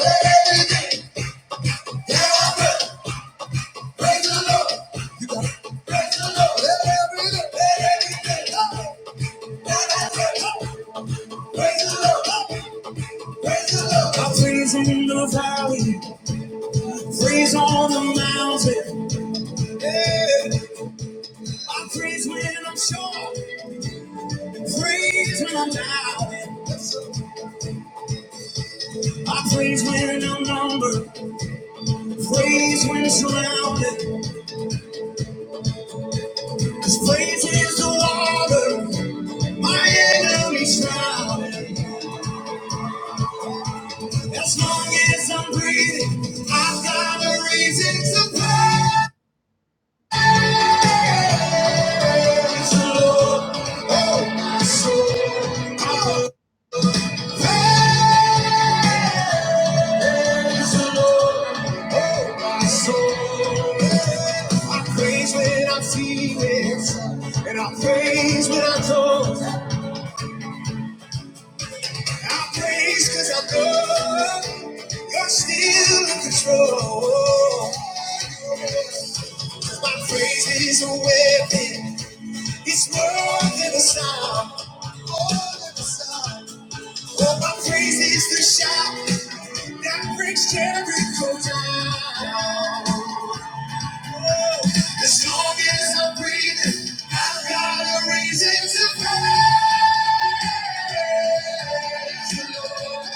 i praise freezing in the valley, praise on the mountain. Yeah. I praise when I'm sure, praise when I'm doubting. I praise when I'm numbered, praise when surrounded. Cause freeze is the water, my enemies drown. As long as I'm breathing, I've got a reason to praise the Lord. Oh, so I'll praise the Lord. Oh, my soul. I praise when I feel it, and I praise when I don't. I praise 'cause I know you're still in control. My praise is a weapon. It's more than a sound. More than a sound. Oh, my praise is the shout that breaks Jericho down. As long as I'm breathing, I've got a reason to praise the Lord.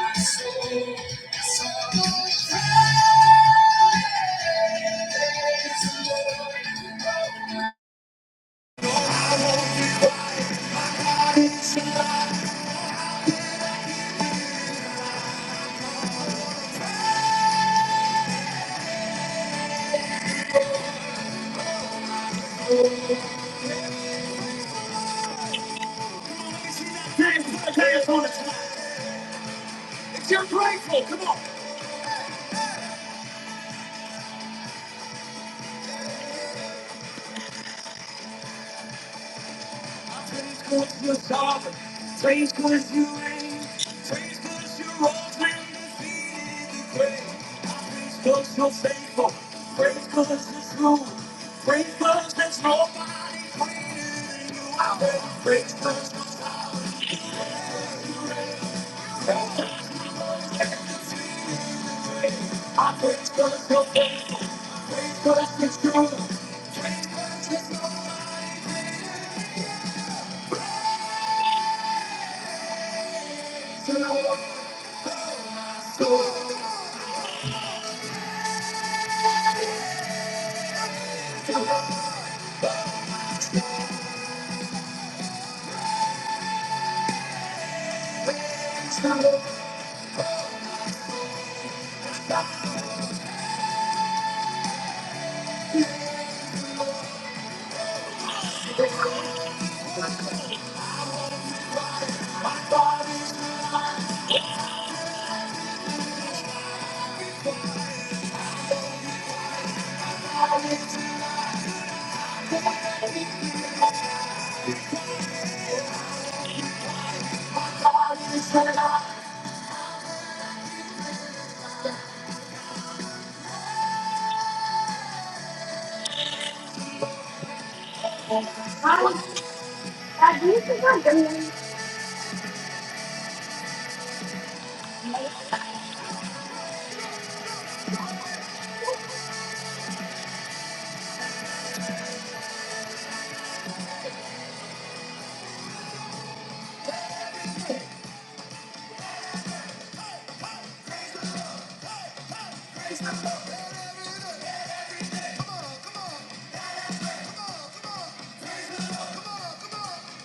My soul, my soul,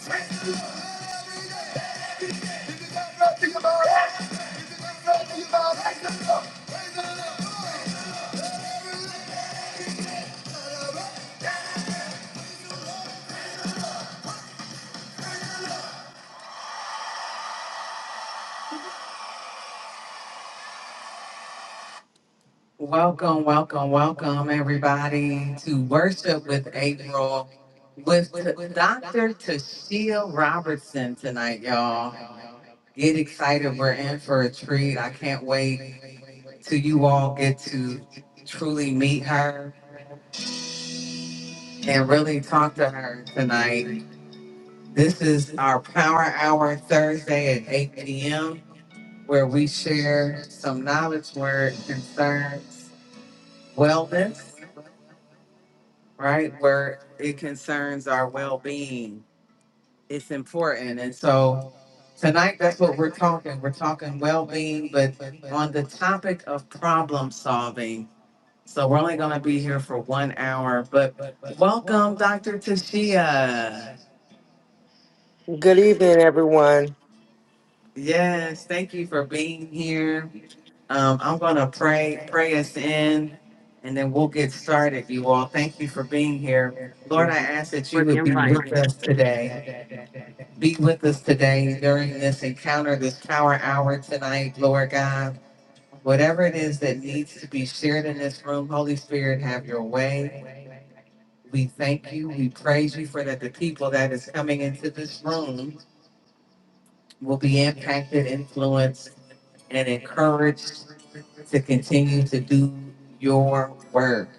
praise the Lord. Welcome, welcome, welcome, everybody, to Worship with April with t- Dr. Tashia Robertson tonight, y'all. Get excited. We're in for a treat. I can't wait till you all get to truly meet her and really talk to her tonight. This is our Power Hour Thursday at 8 p.m., where we share some knowledge, word, concerns, wellness right? Where it concerns our well being. It's important. And so tonight, that's what we're talking. We're talking well being, but on the topic of problem solving. So we're only going to be here for one hour, but welcome, Dr. Tashia. Good evening, everyone. Yes, thank you for being here. Um, I'm going to pray, pray us in, and then we'll get started, you all. Thank you for being here. Lord, I ask that For you the would be with invite. us today. be with us today during this encounter, this power hour tonight, Lord God. Whatever it is that needs to be shared in this room, Holy Spirit, have your way. We thank you. We praise you for that the people that is coming into this room will be impacted, influenced, and encouraged to continue to do your work.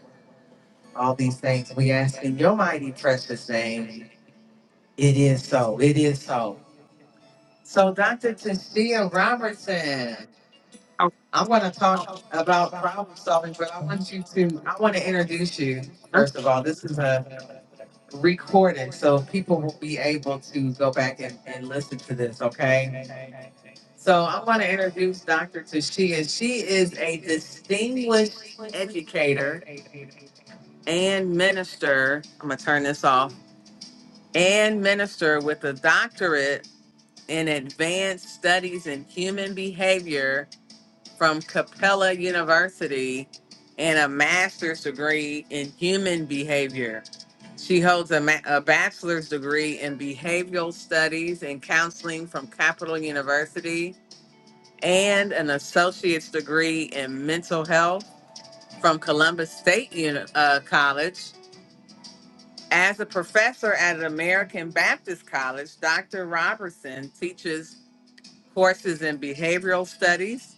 All these things we ask in your mighty precious name. It is so. It is so. So, Dr. Tashia Robertson. Oh, I am going to talk about problem solving, but I want you to, I want to introduce you, uh, first of all. This is a recording, so people will be able to go back and, and listen to this, okay? So I want to introduce Dr. Tashia. She is a distinguished educator and minister. I'm going to turn this off. And minister with a doctorate in advanced studies in human behavior from Capella University and a master's degree in human behavior. She holds a, ma- a bachelor's degree in behavioral studies and counseling from Capital University and an associate's degree in mental health from Columbus State Uni- uh, College. As a professor at an American Baptist College, Dr. Robertson teaches courses in behavioral studies,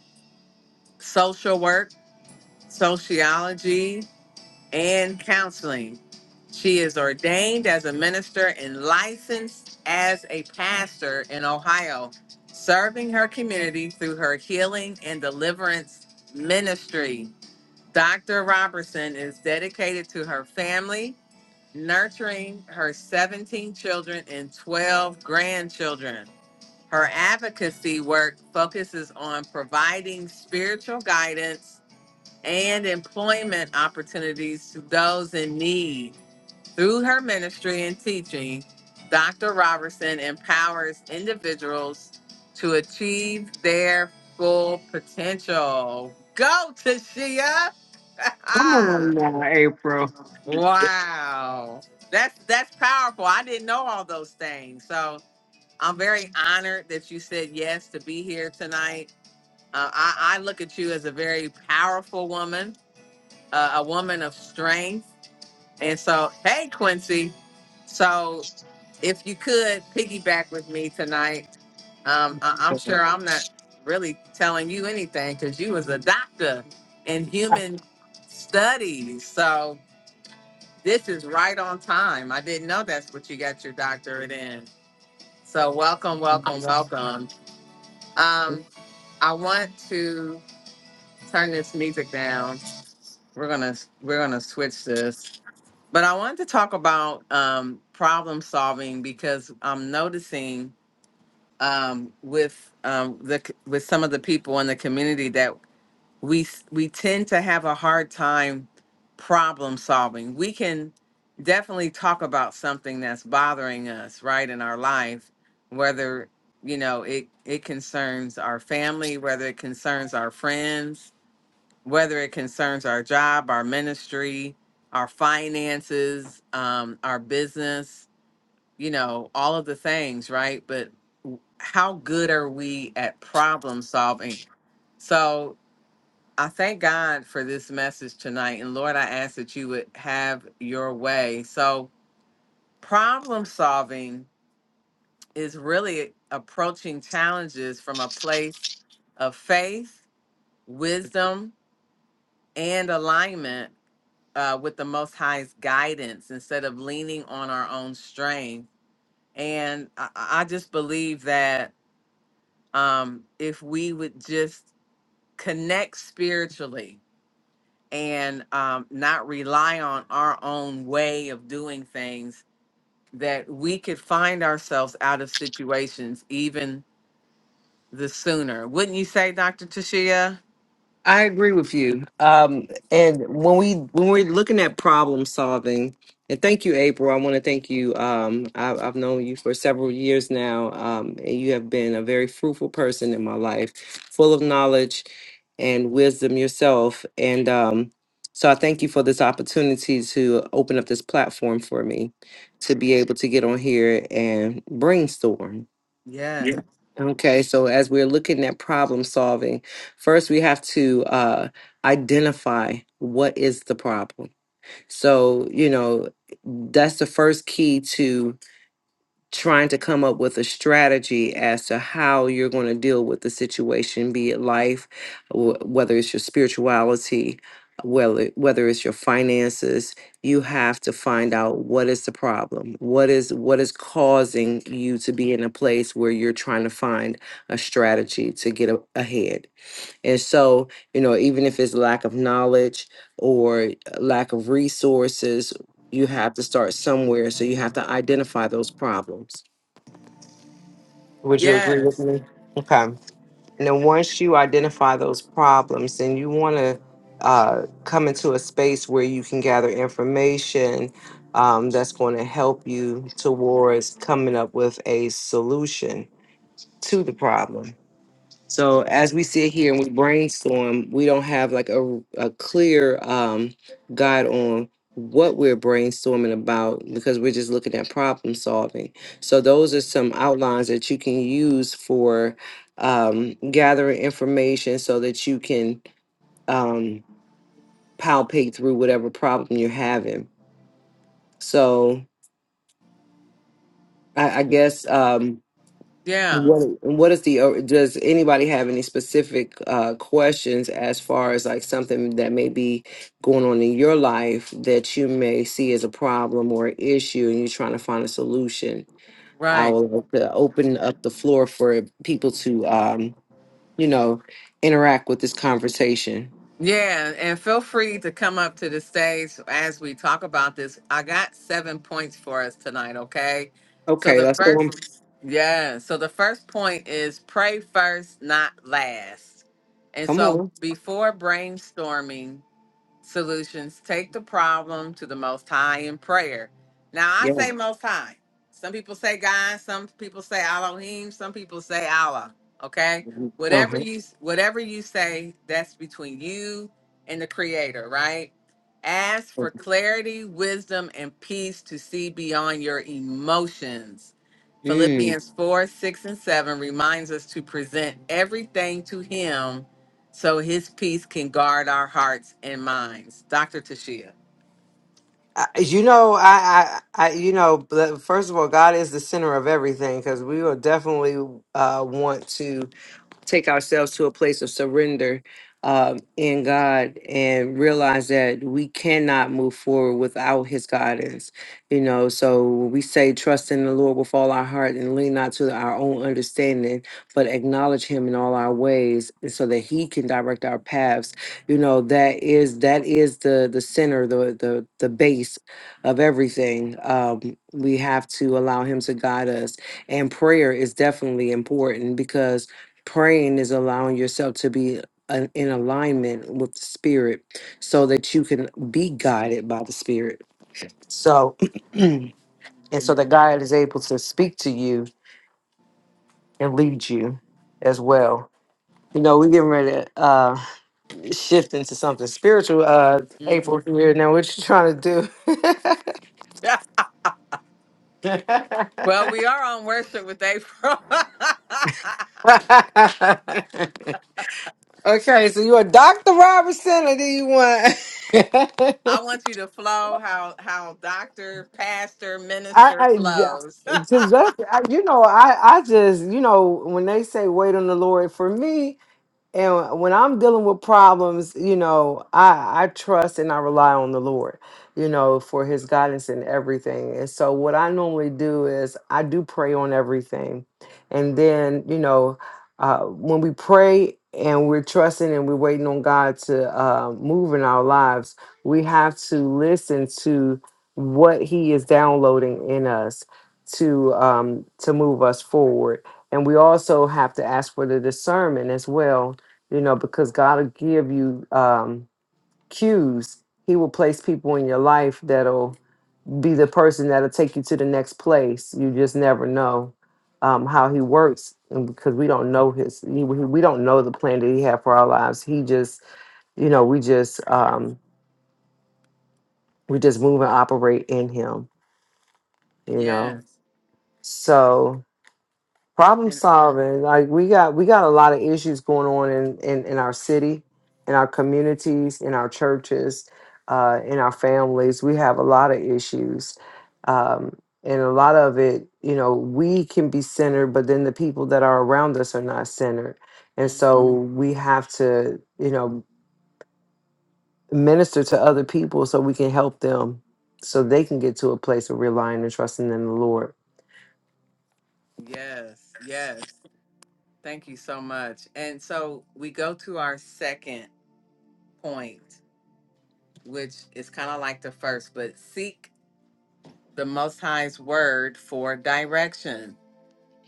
social work, sociology, and counseling. She is ordained as a minister and licensed as a pastor in Ohio, serving her community through her healing and deliverance ministry. Dr. Robertson is dedicated to her family, nurturing her 17 children and 12 grandchildren. Her advocacy work focuses on providing spiritual guidance and employment opportunities to those in need. Through her ministry and teaching, Dr. Robertson empowers individuals to achieve their full potential. Go to Shia. come on now, April. wow. That's that's powerful. I didn't know all those things. So I'm very honored that you said yes to be here tonight. Uh, I, I look at you as a very powerful woman uh, a woman of strength. And so, hey, Quincy. So, if you could piggyback with me tonight, um, I- I'm sure I'm not really telling you anything because you was a doctor in human studies. So this is right on time. I didn't know that's what you got your doctorate in. So welcome, welcome, welcome. Um, I want to turn this music down. We're gonna we're gonna switch this. But I wanted to talk about um, problem solving because I'm noticing um, with um, the c- with some of the people in the community that we s- we tend to have a hard time problem solving. We can definitely talk about something that's bothering us right in our life, whether you know it it concerns our family, whether it concerns our friends, whether it concerns our job, our ministry, our finances, um, our business, you know, all of the things, right? But w- how good are we at problem solving? So I thank God for this message tonight. And Lord, I ask that you would have your way. So, problem solving is really approaching challenges from a place of faith, wisdom, and alignment uh, with the Most High's guidance instead of leaning on our own strength. And I, I just believe that um, if we would just connect spiritually and um, not rely on our own way of doing things, that we could find ourselves out of situations even the sooner. Wouldn't you say, Dr. Tashia? I agree with you. Um, and when we when we're looking at problem solving, and thank you, April. I want to thank you. Um, I, I've known you for several years now, um, and you have been a very fruitful person in my life, full of knowledge and wisdom yourself. And um, so I thank you for this opportunity to open up this platform for me to be able to get on here and brainstorm Yeah. yeah. Okay, so as we're looking at problem solving, first we have to uh, identify what is the problem. So, you know, that's the first key to trying to come up with a strategy as to how you're going to deal with the situation, be it life, wh- whether it's your spirituality, whether whether it's your finances, you have to find out what is the problem, what is what is causing you to be in a place where you're trying to find a strategy to get a- ahead. And so, you know, even if it's lack of knowledge or lack of resources, you have to start somewhere. So you have to identify those problems would you agree with Yes. me? Okay. And then once you identify those problems, then you want to uh, come into a space where you can gather information um, that's going to help you towards coming up with a solution to the problem. So as we sit here and we brainstorm, we don't have like a, a clear um, guide on what we're brainstorming about because we're just looking at problem solving. So those are some outlines that you can use for um, gathering information so that you can um, palpate through whatever problem you're having. So I, I guess um, Yeah. What what is the uh, does anybody have any specific uh questions as far as like something that may be going on in your life that you may see as a problem or issue and you're trying to find a solution? I Right. will like to open up the floor for people to um, you know, interact with this conversation. Yeah, and feel free to come up to the stage as we talk about this. I got seven points for us tonight, okay? So Okay, the let's go on. first, yeah, so the first point is pray first, not last. And Come so on. before brainstorming, solutions. Take the problem to the Most High in prayer. Now, I Yeah. say Most High. Some people say God. Some people say Elohim. Some people say Allah. Okay, Mm-hmm. whatever Uh-huh. you whatever you say, that's between you and the Creator, right? Ask for clarity, wisdom, and peace to see beyond your emotions. Mm. Philippians 4, 6, and 7 reminds us to present everything to Him so his peace can guard our hearts and minds. Dr. Tashia. I- you know I, I i you know but first of all god is the center of everything because we will definitely uh want to take ourselves to a place of surrender um, in God and realize that we cannot move forward without His guidance. You know, so when we say trust in the Lord with all our heart and lean not to our own understanding, but acknowledge Him in all our ways, and so that He can direct our paths. You know, that is that is the the center, the the the base of everything. Um, we have to allow Him to guide us, and prayer is definitely important because praying is allowing yourself to be an, in alignment with the spirit so that you can be guided by the spirit so and so Mhm. that god is able to speak to you and lead you as well you know we're getting ready to uh shift into something spiritual uh april Yeah. here now what you trying to do Well, we are on worship with April. I okay so you're a dr Robinson? or do you want want you to flow how how doctor, pastor, I, minister I flows. th- to just I, you know I I just you know when they say wait on the Lord for me and when I'm dealing with problems, you know, I, I trust and I rely on the Lord, you know, for his guidance in everything. And so what I normally do is I do pray on everything. And then, you know, uh, when we pray and we're trusting and we're waiting on God to uh, move in our lives, we have to listen to what he is downloading in us to um, to move us forward. And we also have to ask for the discernment as well you know, because God will give you um, cues. He will place people in your life that'll be the person that'll take you to the next place. You just never know um, how He works, and because we don't know His, he, we don't know the plan that He had for our lives. He just, you know, we just um, we just move and operate in Him, you know. yes. So problem And solving like we got we got a lot of issues going on in in, in our city in our communities in our churches uh, in our families we have a lot of issues um, and a lot of it you know we can be centered but then the people that are around us are not centered and mm, so Mhm. we have to you know minister to other people so we can help them so they can get to a place of relying and trusting in the lord yes, yes. Thank you so much. And so we go to our second point, which is kind of like the first, but seek the most high's word for direction.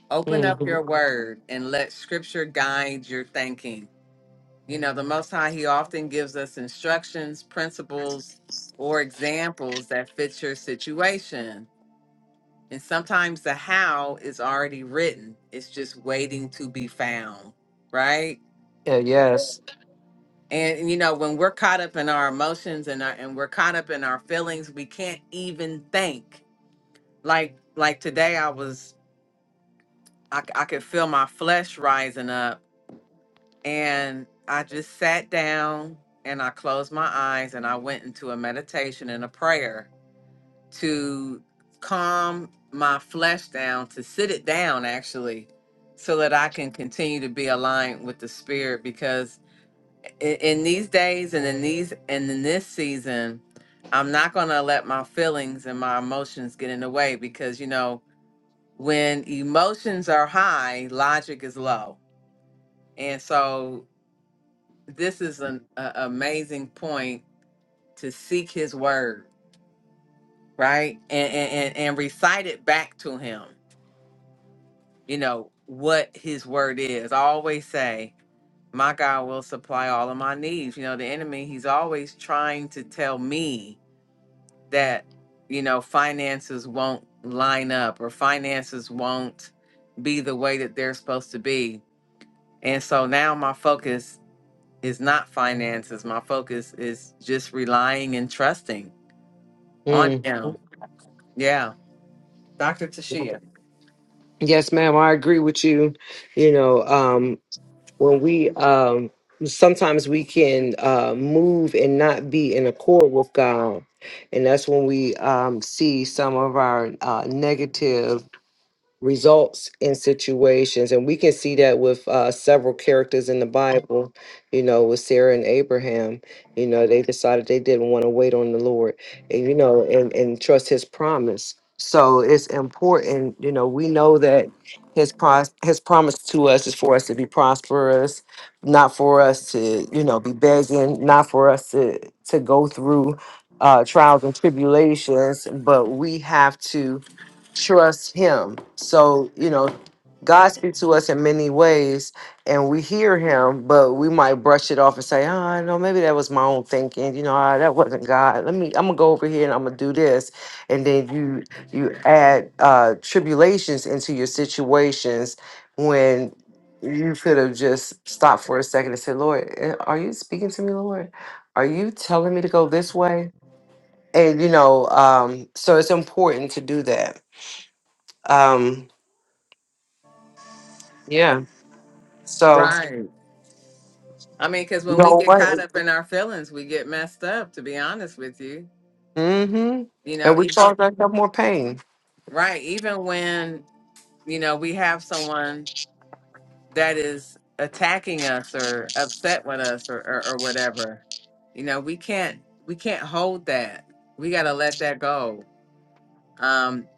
Open up your Mhm. word and let scripture guide your thinking. You know, the Most High, He often gives us instructions, principles, or examples that fit your situation. And sometimes the how is already written, it's just waiting to be found, right? yeah, yes And you know, when we're caught up in our emotions and our, and we're caught up in our feelings, we can't even think. Like like today, I was I, c- I could feel my flesh rising up And I just sat down and I closed my eyes and I went into a meditation and a prayer to calm my flesh down, to sit it down actually, so that I can continue to be aligned with the spirit. Because in, in these days and in these and in this season, I'm not going to let my feelings and my emotions get in the way because, you know, when emotions are high, logic is low. And so this is an a, amazing point to seek his word right and, and and and recite it back to him you know what his word is i always say my god will supply all of my needs you know the enemy he's always trying to tell me that you know finances won't line up or finances won't be the way that they're supposed to be and so now my focus is not finances my focus is just relying and trusting on Mm-hmm. now. Yeah, Dr. Tashia. Yes, ma'am. I agree with you. You know, um, when we um, sometimes we can uh, move and not be in accord with God, and that's when we um, see some of our uh, negative results in situations and we can see that with uh, several characters in the bible you know with sarah and abraham you know they decided they didn't want to wait on the lord and you know and, and trust his promise so it's important you know we know that his pros- his promise to us is for us to be prosperous not for us to you know be begging not for us to to go through uh trials and tribulations but we have to trust him. So, you know, God speaks to us in many ways and we hear him, but we might brush it off and say, oh, no, maybe that was my own thinking. You know, ah, that wasn't God. Let me, I'm gonna go over here and I'm gonna do this. And then you, you add uh, tribulations into your situations when you could have just stopped for a second and said, Lord, eh, are you speaking to me, Lord? Are you telling me to go this way? And, you know, um, so it's important to do that. Um, yeah. So Right. I mean, because you when we know get what? caught up in our feelings, we get messed up, to be honest with you. Mm-hmm. You know, And we even, cause ourselves more pain. right, even when, you know, we have someone that is attacking us or upset with us or, or, or whatever, you know, we can't, we can't hold that. We got to let that go. Um,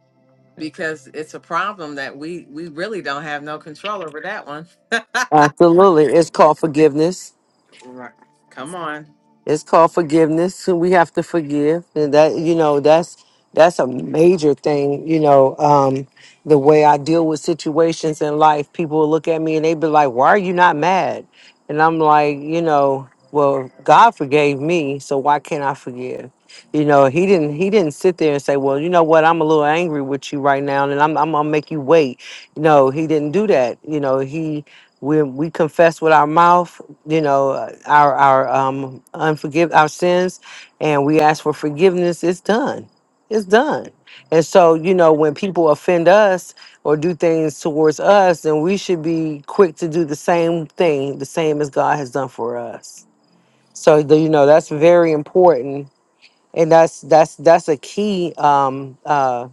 because it's a problem that we, we really don't have no control over that one. Absolutely. It's called forgiveness. right. Come on. It's called forgiveness. so We have to forgive, and that you know that's that's a major thing. You know, um, the way I deal with situations in life, people will look at me and they be like, "Why are you not mad?" And I'm like, you know, well, God forgave me, so why can't I forgive? You know, he didn't he didn't sit there and say, "Well, you know what? I'm a little angry with you right now, and I'm I'm gonna make you wait." No, he didn't do that. You know, he when we confess with our mouth you know uh, our our um unforgive our sins and we ask for forgiveness it's done it's done and so you know when people offend us or do things towards us then we should be quick to do the same thing the same as god has done for us so the, you know that's very important and that's that's that's a key um uh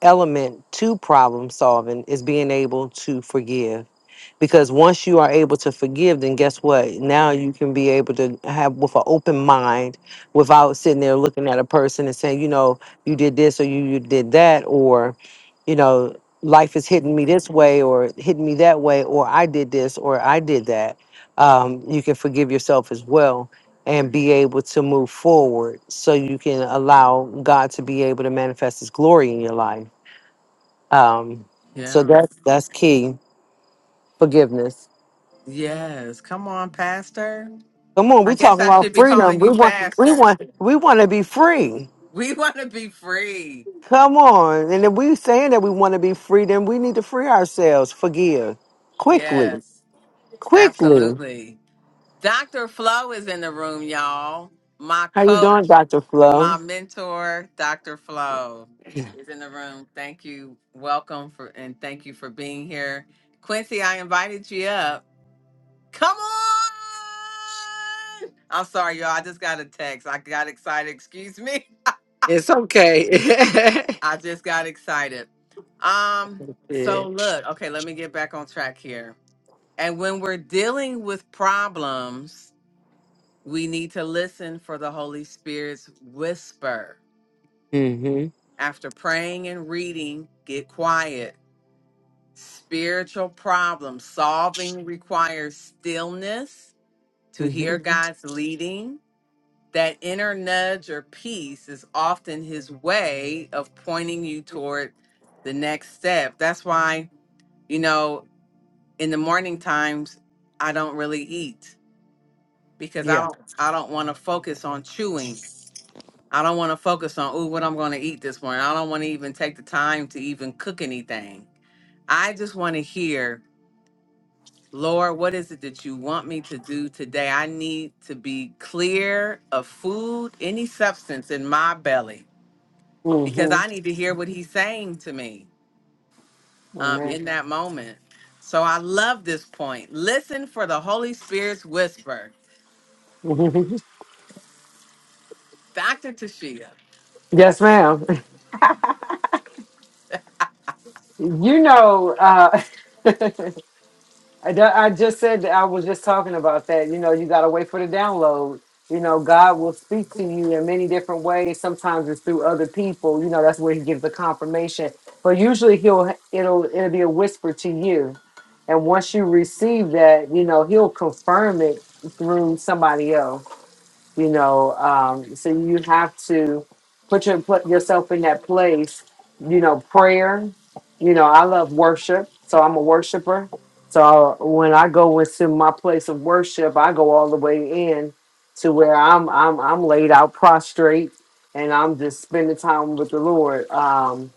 element to problem solving is being able to forgive because once you are able to forgive then guess what now you can be able to have with an open mind without sitting there looking at a person and saying you know you did this or you, you did that or you know life is hitting me this way or hitting me that way or i did this or i did that um, you can forgive yourself as well and be able to move forward so you can allow god to be able to manifest his glory in your life um, so that's that's key forgiveness Yes, come on, Pastor. Come on, I we guess talking I about should be freedom. calling We you want, we Pastor. want, we want to be free. We want to be free. Come on, and if we saying that we want to be free, then we need to free ourselves. Forgive quickly, Yes, quickly. absolutely. Dr. Flo is in the room, y'all. My How you doing, coach, Doctor my Flo? mentor, Dr. Flo is in the room. Thank you. Welcome for and thank you for being here. Quincy, I invited you up. Come on. I'm sorry, y'all. I just got a text. I got excited. Excuse me. It's okay. I just got excited. Um, yeah. so look, okay, let me get back on track here. And when we're dealing with problems, we need to listen for the Holy Spirit's whisper. Mm Mhm. After praying and reading, get quiet. Spiritual problem solving requires stillness to Mm hear Mhm. Mhm. God's leading. That inner nudge or peace is often his way of pointing you toward the next step. That's why you know in the morning times i don't really eat because i Yeah. don't i don't want to focus on chewing i don't want to focus on ooh what i'm going to eat this morning i don't want to even take the time to even cook anything i just want to hear lord what is it that you want me to do today i need to be clear of food any substance in my belly Mm because Mhm. i need to hear what he's saying to me um, Amen. in Yeah. that moment so I love this point. Listen for the Holy Spirit's whisper. Mhm. Dr. Tashia. Yes, ma'am. You know. uh I, d- I just said that I was just talking about that. You know, you got to wait for the download. You know, God will speak to you in many different ways. Sometimes it's through other people. You know, that's where He gives the confirmation. But usually He'll it'll it'll be a whisper to you, and once you receive that, you know He'll confirm it through somebody else you know um, so you have to put your put yourself in that place you know prayer you know i love worship so i'm a worshiper so when i go into my place of worship i go all the way in to where i'm i'm, I'm laid out prostrate and i'm just spending time with the lord Um,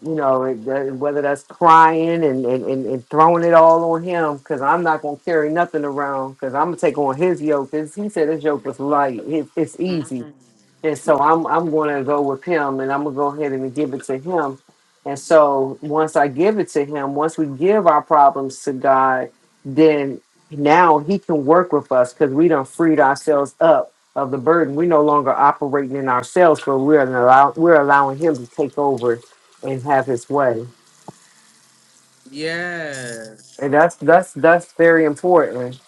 you know, it- that- whether that's crying and, and, and, and throwing it all on him, because I'm not going to carry nothing around, because I'm going to take on his yoke. 'cause he said his yoke was light, it, it's easy. Mm, And so I'm I'm going to go with him, and I'm gonna go ahead and give it to him. And so once I give it to him, once we give our problems to God, then now He can work with us because we done freed ourselves up of the burden. We're no longer operating in ourselves, but we're allow we're allowing Him to take over and have His way. yes. And that's that's that's very important.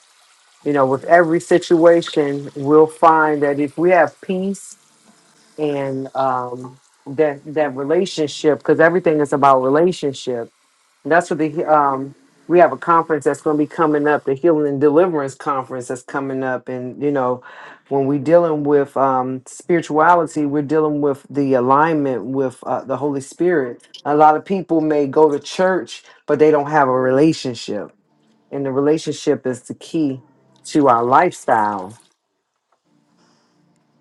You know, with every situation, we'll find that if we have peace and um, that that relationship because everything is about relationship. And that's what the um, we have a conference that's going to be coming up, the Healing and Deliverance Conference that's coming up, and you know when we're dealing with um, spirituality, we're dealing with the alignment with uh, the Holy Spirit. A lot of people may go to church, but they don't have a relationship, and the relationship is the key to our lifestyle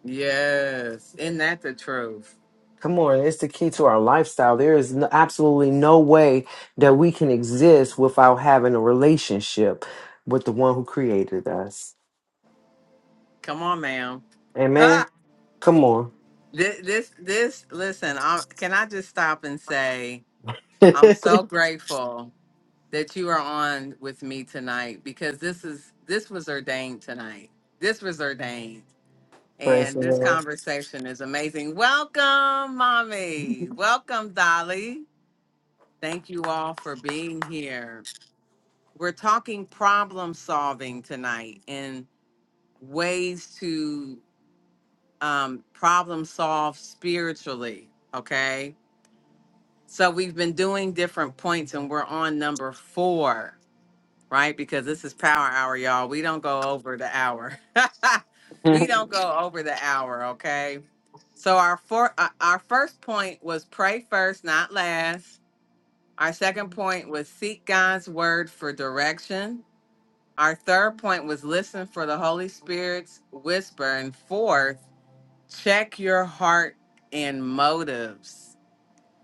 Yes. Isn't that the truth? Come on, it's the key to our lifestyle. There is n absolutely no way that we can exist without having a relationship with the one who created us. Come on, ma'am. Amen. Ah, Come on. this, this, this, listen, I, can I just stop and say, I'm Praise so grateful that you are on with me tonight because this is, this was ordained tonight. This was ordained. And the this Lord. conversation is amazing. Welcome, mommy. Welcome, Dolly. Thank you all for being here. we're talking problem solving tonight and ways to um, problem solve spiritually. Okay. So we've been doing different points and we're on number four, right? Because this is power hour, y'all. We don't go over the hour. we don't go over the hour. Okay. So our four, uh, our first point was pray first, not last. Our second point was seek God's word for direction. Our third point was listen for the Holy Spirit's whisper. And fourth, check your heart and motives.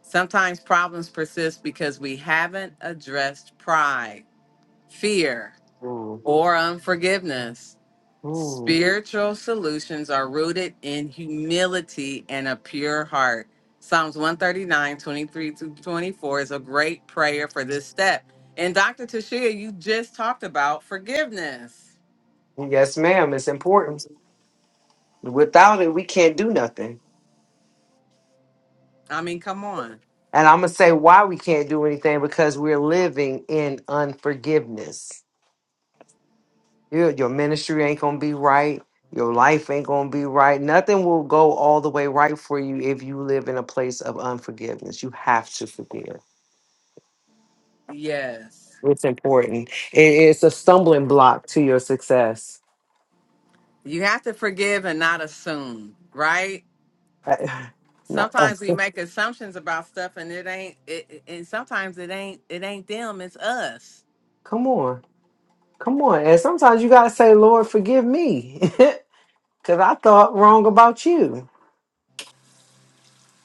Sometimes problems persist because we haven't addressed pride, fear, Ooh, or unforgiveness. ooh. Spiritual solutions are rooted in humility and a pure heart. Psalms one thirty nine twenty three 23 to 24 is a great prayer for this step. And Dr. Tashia, you just talked about forgiveness. Yes, ma'am. It's important. Without it, we can't do nothing. I mean, come on. And I'm going to say why we can't do anything because we're living in unforgiveness. Your, your ministry ain't going to be right. Your life ain't going to be right. Nothing will go all the way right for you if you live in a place of unforgiveness. You have to forgive. Yes. It's important. It- it's a stumbling block to your success. You have to forgive and not assume, right? I- no, uh, Sometimes we make assumptions about stuff and it ain't it it- and sometimes it ain't it ain't them, it's us. come on. Come on. And sometimes you got to say, Lord, forgive me because I thought wrong about you.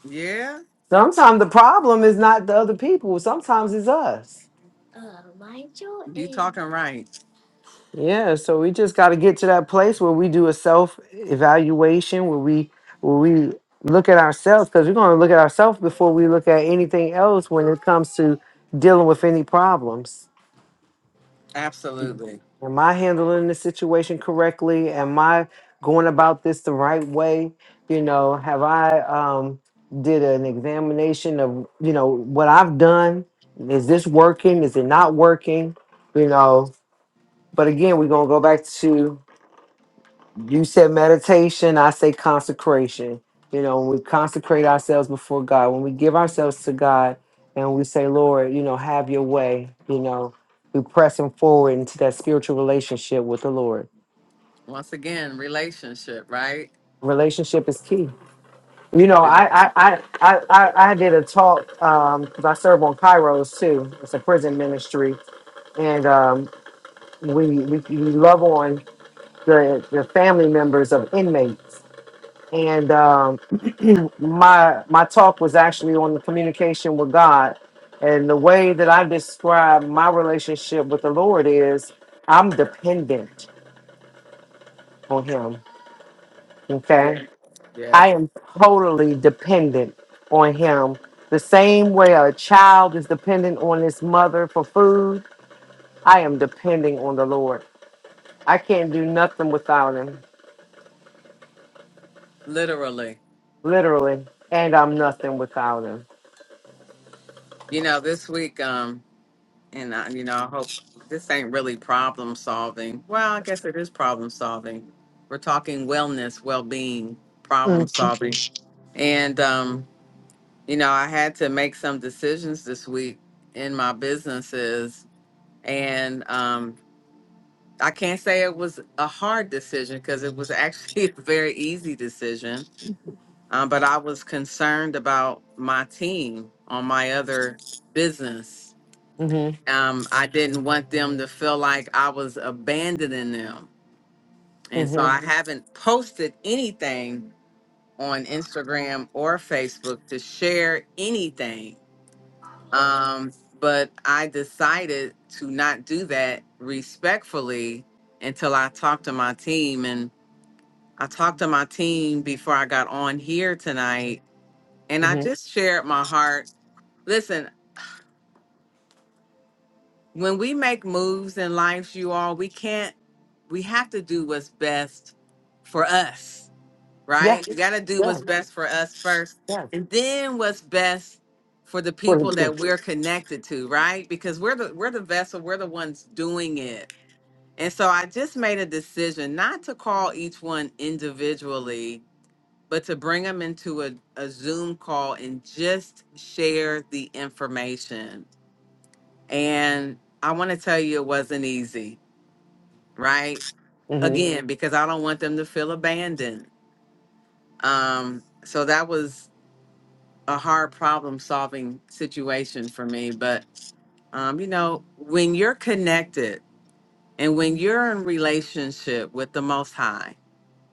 Yeah? Sometimes the problem is not the other people, sometimes it's us. You talking right. Yeah, so we just got to get to that place where we do a self evaluation, where we where we look at ourselves, because we're going to look at ourselves before we look at anything else when it comes to dealing with any problems. Absolutely. Am I handling the situation correctly? Am I going about this the right way? You know, have I um, did an examination of you know what I've done? Is this working? Is it not working? You know, but again, we're gonna go back to You said meditation, I say consecration. You know, when we consecrate ourselves before God, when we give ourselves to God and we say, Lord, you know, have your way, you know, we pressing forward into that spiritual relationship with the Lord. Once again, relationship, right? Relationship is key. You know, Rel- I I I I, I I did a talk because I serve on Kairos too. It's a prison ministry, and um, we, we we love on the the family members of inmates and um, my my talk was actually on the communication with God, and the way that I describe my relationship with the Lord is I'm dependent on Him. Okay, I am totally dependent on Him. The same way a child is dependent on his mother for food, I am depending on the Lord. I can't do nothing without Him, Literally. literally, and I'm nothing without Him. You know, this week um and I, you know, I hope this ain't really problem solving. Well, I guess it is problem solving. We're talking wellness, well-being, problem Mm, solving And um, you know, I had to make some decisions this week in my businesses, and um, I can't say it was a hard decision because it was actually a very easy decision. Um, but I was concerned about my team on my other business. mhm, Um, I didn't want them to feel like I was abandoning them, and so mhm, I Mhm. haven't posted anything on Instagram or Facebook to share anything Um, but I decided to not do that respectfully until I talked to my team. And I talked to my team before I got on here tonight. And I mhm. just shared my heart. Listen, when we make moves in life, you all, we can't, we have to do what's best for us Yeah, right? We got to do yeah. what's best for us first, Yeah. and then what's best for the people Mm-hmm. that we're connected to, right? Because we're the we're the vessel, we're the ones doing it. And so I just made a decision not to call each one individually, but to bring them into a, a Zoom call and just share the information. And I want to tell you it wasn't easy, right? Again, because I don't want them to feel abandoned. Um, so that was a hard problem solving situation for me but um, you know when you're connected and when you're in relationship with the most high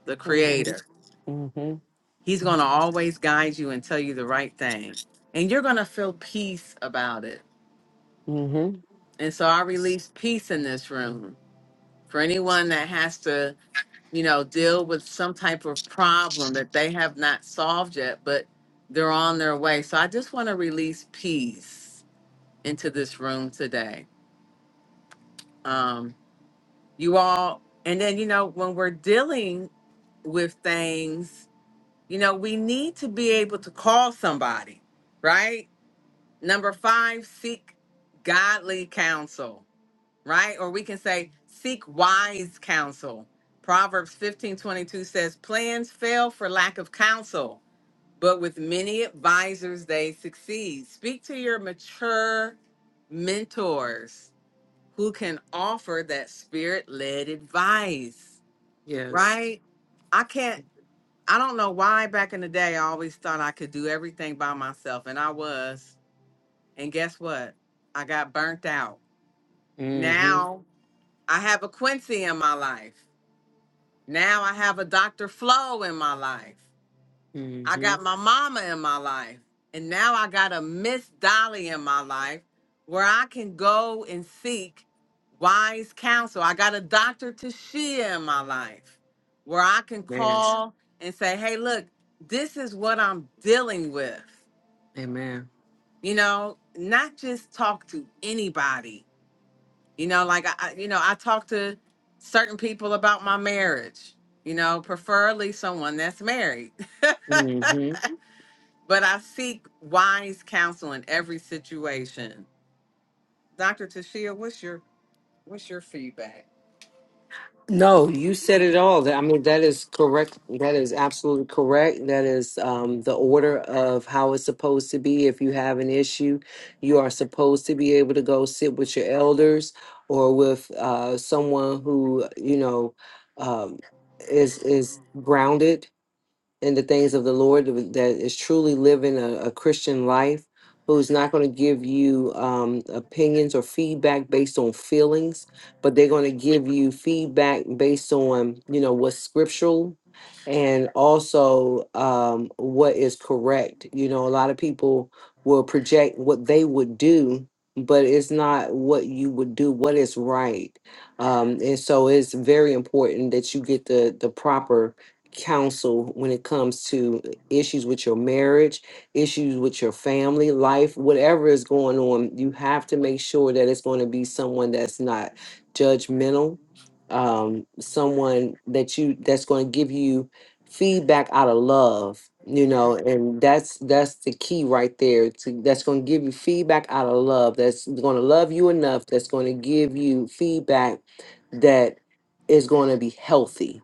the Mm-hmm. creator Mm-hmm. he's going to always guide you and tell you the right thing and you're going to feel peace about it Mm-hmm. and so i release peace in this room for anyone that has to you know deal with some type of problem that they have not solved yet but they're on their way so i just want to release peace into this room today um you all and then you know when we're dealing with things you know we need to be able to call somebody right number five seek godly counsel right or we can say seek wise counsel proverbs 15 22 says plans fail for lack of counsel but with many advisors they succeed speak to your mature mentors who can offer that spirit led advice, Yes. right? I can't, I don't know why back in the day I always thought I could do everything by myself, and I was. And guess what? I got burnt out. Now I have a Quincy in my life. Now I have a Dr. Flo in my life. Mm-hmm. I hmm got my mama in my life, and now I got a Miss Dolly in my life where I can go and seek wise counsel. I got a Dr. Tashia in my life where I can Man. call and say, hey, look, this is what I'm dealing with. Amen. You know, not just talk to anybody. You know, like I, I- you know, I talk to certain people about my marriage. You know, preferably someone that's married. Mm-hmm. But I seek wise counsel in every situation. Dr. Tashia, what's your what's your feedback? No, you said it all. That- I mean, that is correct. That is absolutely correct. That is um, the order of how it's supposed to be. If you have an issue, you are supposed to be able to go sit with your elders or with uh, someone who you know um, is is grounded in the things of the Lord that is truly living a, a Christian life, who's not going to give you um, opinions or feedback based on feelings, but they're going to give you feedback based on you know what's scriptural and also um, what is correct. You know, a lot of people will project what they would do. But it's not what you would do, what is right. Um, and so it's very important that you get the the proper counsel when it comes to issues with your marriage, issues with your family life, whatever is going on, you have to make sure that it's going to be someone that's not judgmental, um, someone that you that's going to give you feedback out of love, you know, and that's that's the key right there. To, that's going to give you feedback out of love. That's going to love you enough. That's going to give you feedback that is going to be healthy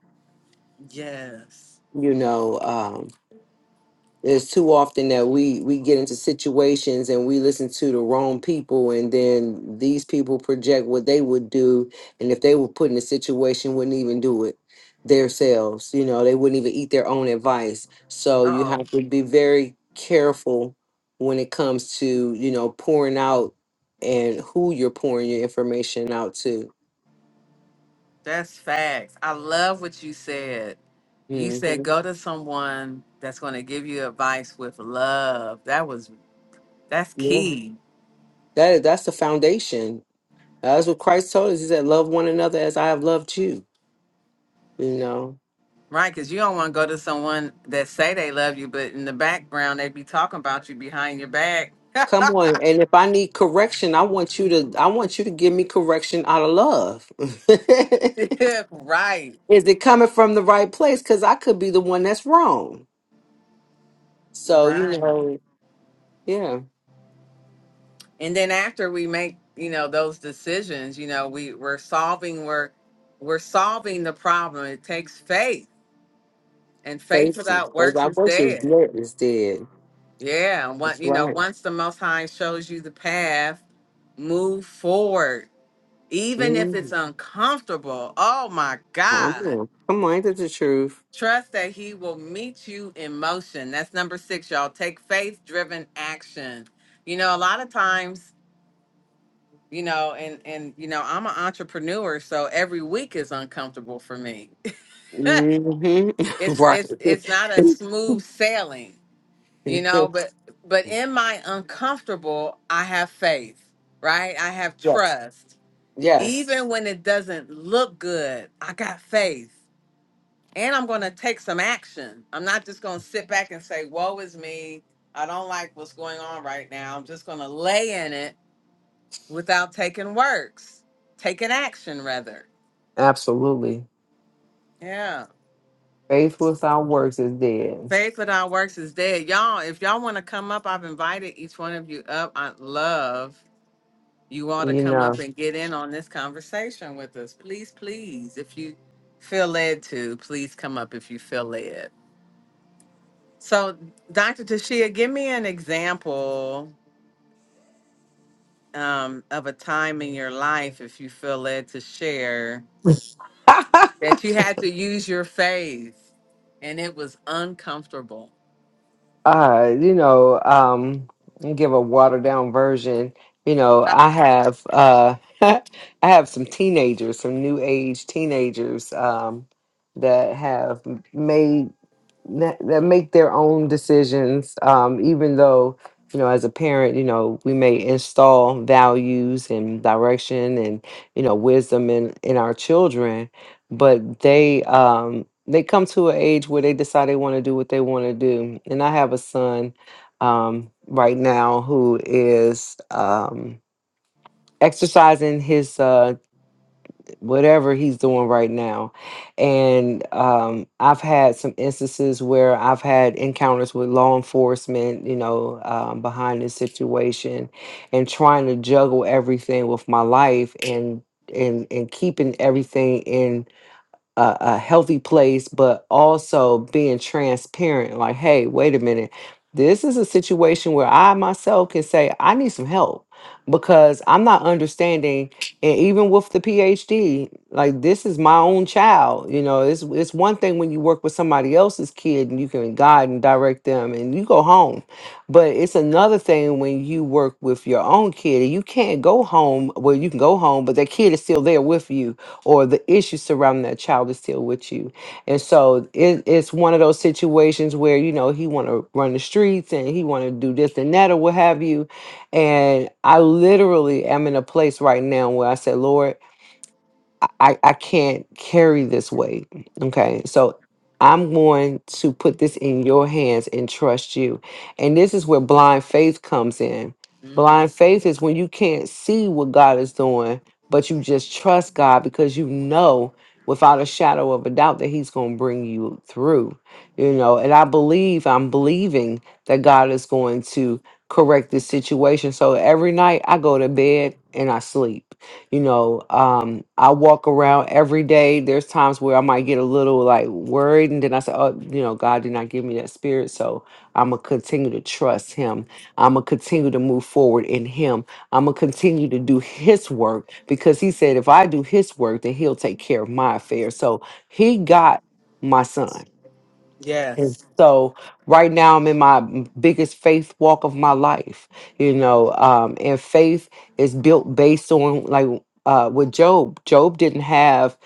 Yes. you know um it's too often that we we get into situations and we listen to the wrong people and then these people project what they would do and if they were put in a situation wouldn't even do it themselves you know they wouldn't even eat their own advice so you Uh-oh. have to be very careful when it comes to you know pouring out and who you're pouring your information out to That's facts. I love what you said. You hmm said go to someone that's going to give you advice with love. That was that's yeah key. that that's the foundation That's what Christ told us. He said, Love one another as I have loved you. You know. Right, because you don't want to go to someone that say they love you, but in the background they be talking about you behind your back. Come on. And if I need correction, I want you to I want you to give me correction out of love. right. Is it coming from the right place? Because I could be the one that's wrong. So, you Right. know, yeah. and then after we make you know those decisions you know we we're solving we're we're solving the problem it takes faith and faith Faith without faith works by is works is dead dead is dead. yeah and That's what you know right. once the most high shows you the path move forward even if Mm-hmm. it's uncomfortable oh my Come god on. Come on, ain't that the truth? trust that he will meet you in motion that's number six y'all take faith driven action you know a lot of times you know and and you know i'm an entrepreneur so every week is uncomfortable for me Mm-hmm. it's it's right. it's not a smooth sailing you know but yes. but in my uncomfortable i have faith right i have Yes. trust Yes. even when it doesn't look good i got faith and i'm going to take some action i'm not just going to sit back and say woe is me i don't like what's going on right now i'm just going to lay in it without taking works taking action rather Absolutely. Yeah. faith without works is dead. Faith without works is dead. Y'all, if y'all want to come up, I've invited each one of you up. I'd love you all to You come know, up and get in on this conversation with us. Please, please, if you feel led to, please come up if you feel led. So, Dr. Tashia, give me an example um, of a time in your life, if you feel led to share, that you had to use your faith and it was uncomfortable. uh, you know, um, give a watered down version. You know, I have, uh, I have some teenagers, some new age teenagers, um, that have made that, that make their own decisions um, even though you know as a parent you know we may install values and direction and you know wisdom in in our children but they um they come to an age where they decide they want to do what they want to do and i have a son um right now who is um exercising his uh whatever he's doing right now. And um, I've had some instances where I've had encounters with law enforcement, you know, um, behind this situation and trying to juggle everything with my life and and and keeping everything in a, a healthy place, but also being transparent. Like, hey, wait a minute. This is a situation where I myself can say, I need some help because I'm not understanding. And even with the PhD, like this is my own child. You know, it's it's one thing when you work with somebody else's kid and you can guide and direct them and you go home. But it's another thing when you work with your own kid and you can't go home. Well, you can go home, but that kid is still there with you or the issues surrounding that child is still with you. And so it, it's one of those situations where, you know, he want to run the streets and he want to do this and that or what have you. And I literally am in a place right now where I said, Lord, I, I I can't carry this weight. Okay. So I'm going to put this in your hands and trust you. And this is where blind faith comes in. Mm. Blind faith is when you can't see what God is doing, but you just trust God because you know without a shadow of a doubt that He's going to bring you through. You know, and I believe, I'm believing that God is going to correct this situation. So every night I go to bed and I sleep you know um i walk around every day there's times where i might get a little like worried and then i say oh you know god did not give me that spirit so i'm gonna continue to trust him i'm gonna continue to move forward in him i'm gonna continue to do his work because he said if i do his work then he'll take care of my affairs so he got my son and Yes. so right now I'm in my biggest faith walk of my life, you know, um, and faith is built based on like uh, with Job. Job didn't have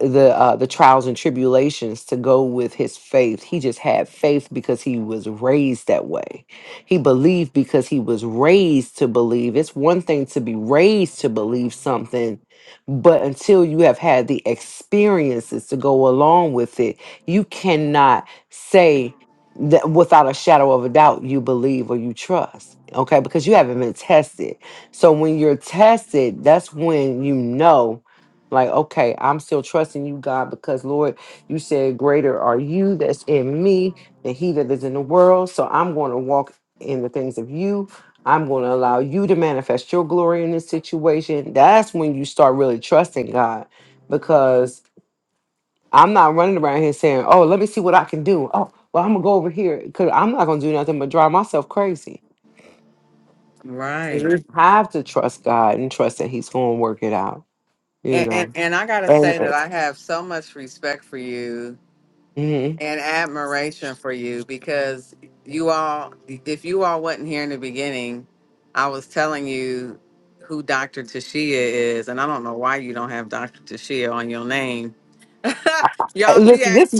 the uh, the trials and tribulations to go with his faith. He just had faith because he was raised that way. He believed because he was raised to believe. It's one thing to be raised to believe something, but until you have had the experiences to go along with it, you cannot say that without a shadow of a doubt you believe or you trust okay because you haven't been tested so when you're tested that's when you know like okay i'm still trusting you god because lord you said greater are you that's in me than he that is in the world so i'm going to walk in the things of you i'm going to allow you to manifest your glory in this situation that's when you start really trusting god because I'm not running around here saying, "Oh, let me see what I can do." Oh, well, I'm gonna go over here because I'm not gonna do nothing but drive myself crazy. Right. Mhm. have to trust God and trust that He's going to work it out. You And, and know, and I gotta and say that I have so much respect for you Mhm. and admiration for you because you all, if you all wasn't here in the beginning, I was telling you who Dr. Tashia is, and I don't know why you don't have Dr. Tashia on your name. Uh, Y'all, she listen, act this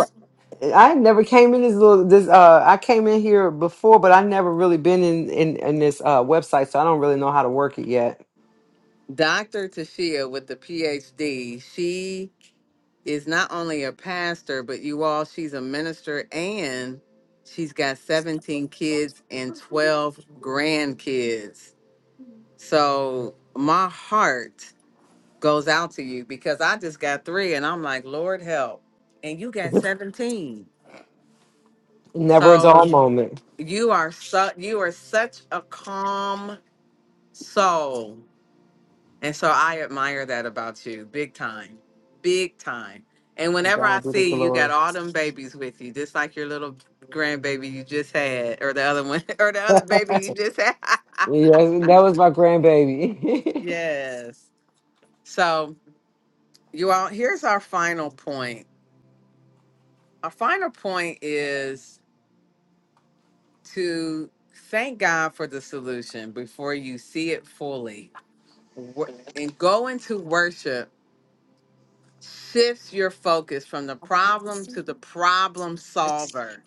I never came in this little this. Uh, I came in here before, but I never really been in in, in this uh, website, so I don't really know how to work it yet. Dr. Tashia with the PhD. She is not only a pastor, but you all, she's a minister and she's got 17 kids and 12 grandkids. So my heart goes out to you because I just got three and I'm like, Lord help. And you got 17. Never a dull So moment. you are so you are such a calm soul. And so I admire that about you, big time, big time. And To whenever I God be the see you you got glory. all them babies with you, just like your little grandbaby you just had, or the other one, or the other baby you just had. Yeah, that was my grandbaby. yes. So you all, here's our final point. Our final point is to thank God for the solution before you see it fully, Wo- and go into worship shifts your focus from the problem to the problem solver,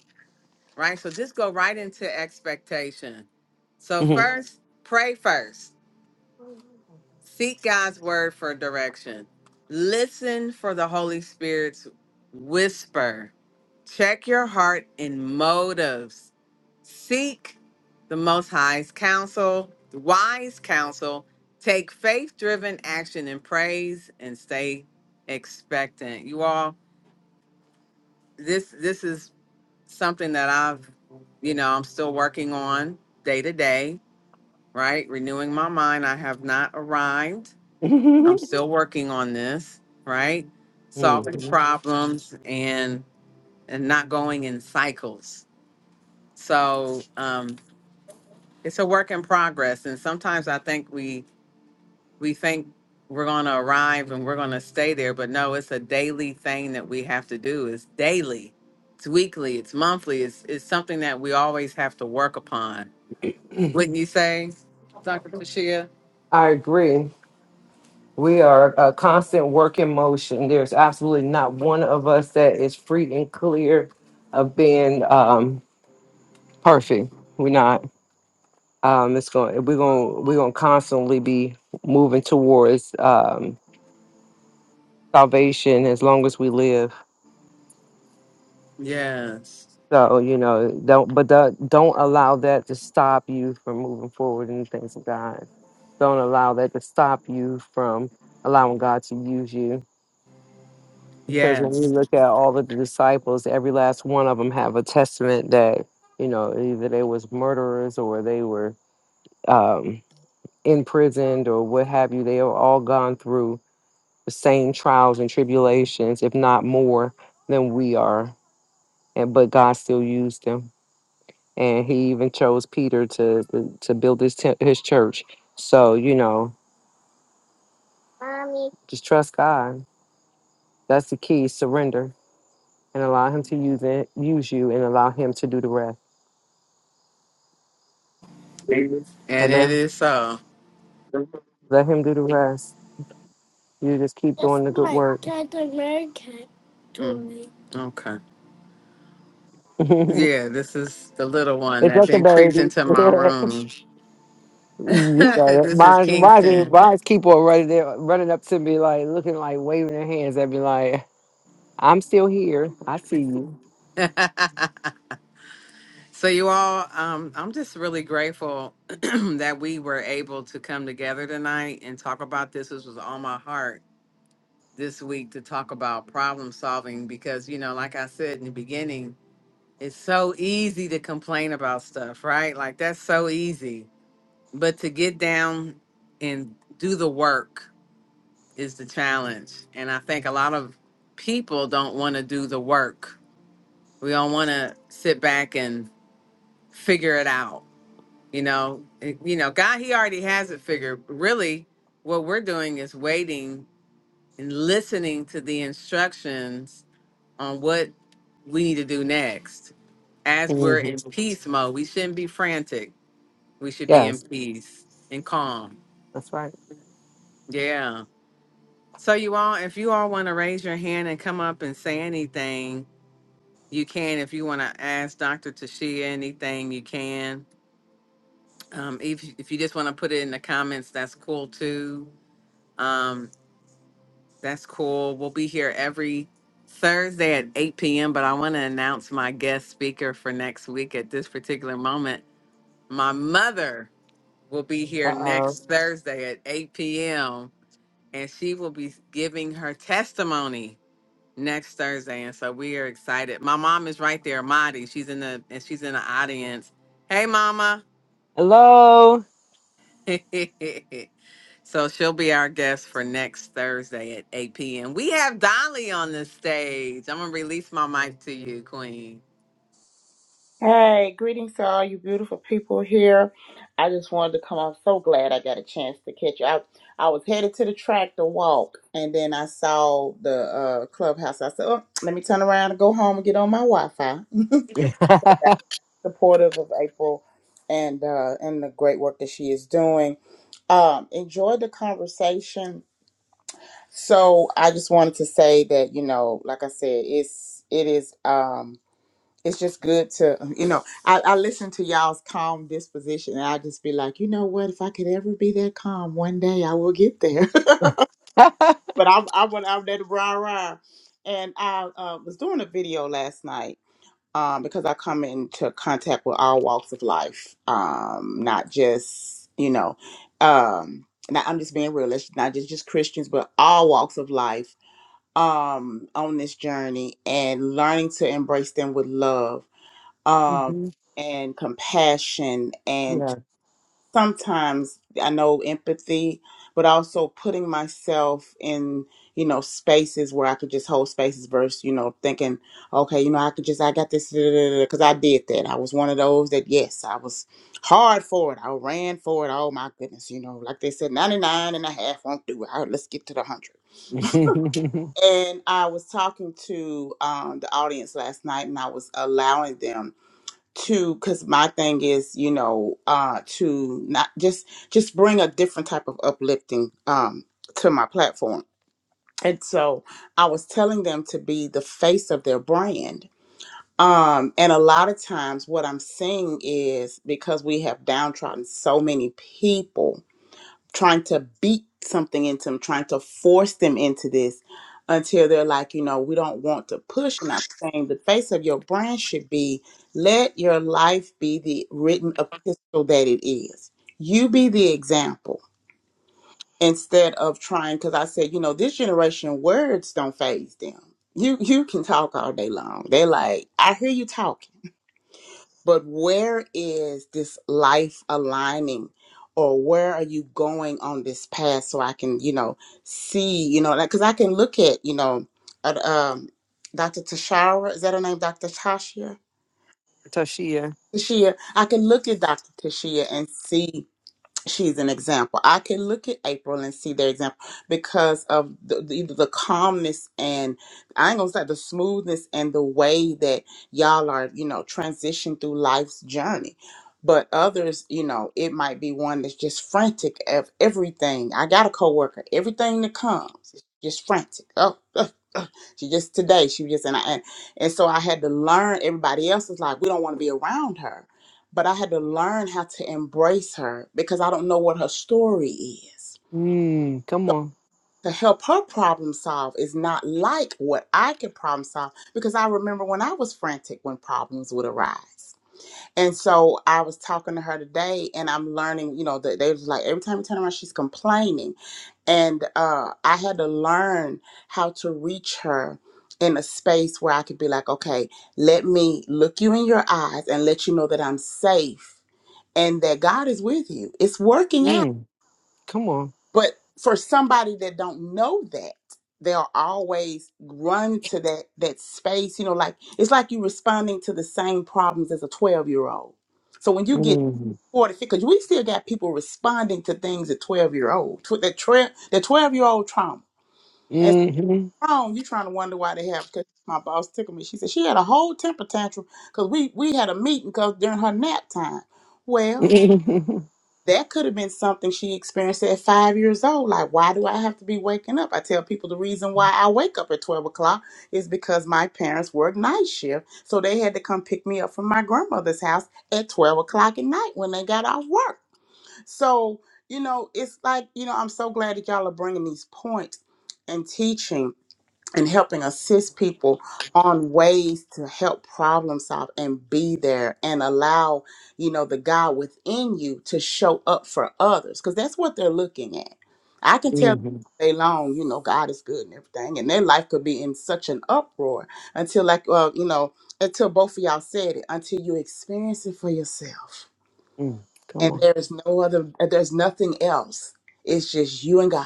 right? So just go right into expectation. So, first, pray first, seek God's word for direction, listen for the Holy Spirit's whisper, check your heart and motives, seek the Most High's counsel, wise counsel, take faith driven action and praise, and stay expectant. You all this this is something that I've you know I'm still working on day to day, right? Renewing my mind. I have not arrived. I'm still working on this, right? Mhm. Solving problems and and not going in cycles. So um, it's a work in progress, and sometimes I think we we think we're going to arrive and we're going to stay there but no it's a daily thing that we have to do it's daily it's weekly it's monthly it's, it's something that we always have to work upon wouldn't you say dr Tashia? I agree. We are a constant work in motion. There's absolutely not one of us that is free and clear of being um, perfect. We're not. Um, it's going. We're going. We're going to constantly be moving towards um, salvation as long as we live. yes So you know, don't. But that, don't allow that to stop you from moving forward in the things of God. Don't allow that to stop you from allowing God to use you because when we yes look at all of the disciples, every last one of them have a testament that you know either they was murderers or they were um, imprisoned or what have you. They have all gone through the same trials and tribulations, if not more than we are, and but God still used them, and He even chose Peter to to, to build his tent, his church. So you know, just trust God. That's the key. Surrender and allow Him to use it, use you, and allow Him to do the rest. and it Amen. is so Let him do the rest. You just keep doing the good work. Mm, okay it's yeah this is the little one that okay, then creeped baby. into my room you got it. this is Mine's, mine's, kingston mine's keep on running there, running up to me, like looking like waving their hands at me, like, I'm still here. I see you. So, you all, um, I'm just really grateful that we were able to come together tonight and talk about this. This was on my heart this week to talk about problem solving because, you know, like I said in the beginning, it's so easy to complain about stuff, right? Like, that's so easy. But to get down and do the work is the challenge. And I think a lot of people don't want to do the work, we don't want to sit back and figure it out You know, It- you know, God, He already has it figured. Really, what we're doing is waiting and listening to the instructions on what we need to do next. As we're hmm in peace mode, we shouldn't be frantic. We should be in Yes, peace and calm. that's right. Yeah. So you all, if you all want to raise your hand and come up and say anything, you can. If you want to ask Dr. Tashia anything, you can. Um, if if you just want to put it in the comments, that's cool too. Um, That's cool. We'll be here every Thursday at 8 p.m. But I want to announce my guest speaker for next week at this particular moment. My mother will be Uh here oh. next Thursday at 8 p.m. and she will be giving her testimony next Thursday. And so we are excited. My mom is right there, Madi. She's in the and she's in the audience. Hey, mama. Hello. so she'll be our guest for next Thursday at 8 p.m. We have Dolly on the stage. I'm gonna release my mic to you, Queen. Hey, greetings to all you beautiful people here. I just wanted to come. I'm so glad I got a chance to catch you. I, I was headed to the track to walk, and then I saw the uh, clubhouse. I said, oh, let me turn around and go home and get on my Wi Fi. Supportive of April and uh, and the great work that she is doing. Um, enjoyed the conversation. So I just wanted to say that, you know, like I said, it's it is. Um, it's just good to um, you know I, I listen to y'all's calm disposition and i just be like you know what if i could ever be that calm one day i will get there but i'm i went out there to rah rah and i uh, was doing a video last night um, because i come into contact with all walks of life um, not just you know um, now i'm just being realistic not just just christians but all walks of life um, on this journey and learning to embrace them with love um, Mhm. and compassion and Yeah. sometimes I know empathy, but also putting myself in, you know, spaces where I could just hold spaces versus, you know, thinking, okay, you know, I could just, I got this, because I did that. I was one of those that, yes, I was hard for it. I ran for it. Oh my goodness, you know, like they said, 99 won't do it. All right, let's get to the 100 and I was talking to um, the audience last night, and I was allowing them to because my thing is you know uh to not just just bring a different type of uplifting um to my platform and so i was telling them to be the face of their brand um and a lot of times what i'm seeing is because we have downtrodden so many people trying to beat something into them, trying to force them into this until they're like, you know, we don't want to push. And I'm saying the face of your brand should be let your life be the written epistle that it is. You be the example instead of trying, because I said, you know, this generation words don't phase them. You you can talk all day long. They're like, I hear you talking. But where is this life aligning? Or where are you going on this path so I can, you know, see, you know, like, cause I can look at, you know, at, um, Dr. Tashara, is that her name? Dr. Tashia? Tashia. Tashia. I can look at Dr. Tashia and see she's an example. I can look at April and see their example because of the, the, either the calmness and I ain't gonna say the smoothness and the way that y'all are, you know, transition through life's journey. But others, you know, it might be one that's just frantic of everything. I got a coworker, everything that comes is just frantic. Oh, she just today, she was just and I and, and so I had to learn. Everybody else is like, we don't want to be around her but I had to learn how to embrace her because I don't know what her story is. Mm, come So on. to help her problem solve is not like what I could problem solve because I remember when I was frantic when problems would arise. And so I was talking to her today and I'm learning, you know, that they was like every time we turn around, she's complaining. And uh, I had to learn how to reach her in a space where I could be like, okay, let me look you in your eyes and let you know that I'm safe and that God is with you. It's working out. Mm, come on. But for somebody that don't know that, they'll always run to that that space, you know, like it's like you are responding to the same problems as a 12-year-old. So when you get Mm-hmm. 40, because we still got people responding to things at 12 year old, tw- that 12 that 12 year old trauma. And Mm-hmm. so wrong, you are trying to wonder why they have because my boss tickled me. She said she had a whole temper tantrum because we we had a meeting because during her nap time. Well. that could have been something she experienced at five years old. Like, why do I have to be waking up? I tell people the reason why I wake up at 12 o'clock is because my parents work night shift. So they had to come pick me up from my grandmother's house at 12 o'clock at night when they got off work. So, you know, it's like, you know, I'm so glad that y'all are bringing these points and teaching and helping assist people on ways to help problem solve and be there and allow you know the god within you to show up for others because that's what they're looking at i can tell they long you know god is good and everything and their life could be in such an uproar until like well you know until both of y'all said it until you experience it for yourself Come and on. there's no other there's nothing else it's just you and god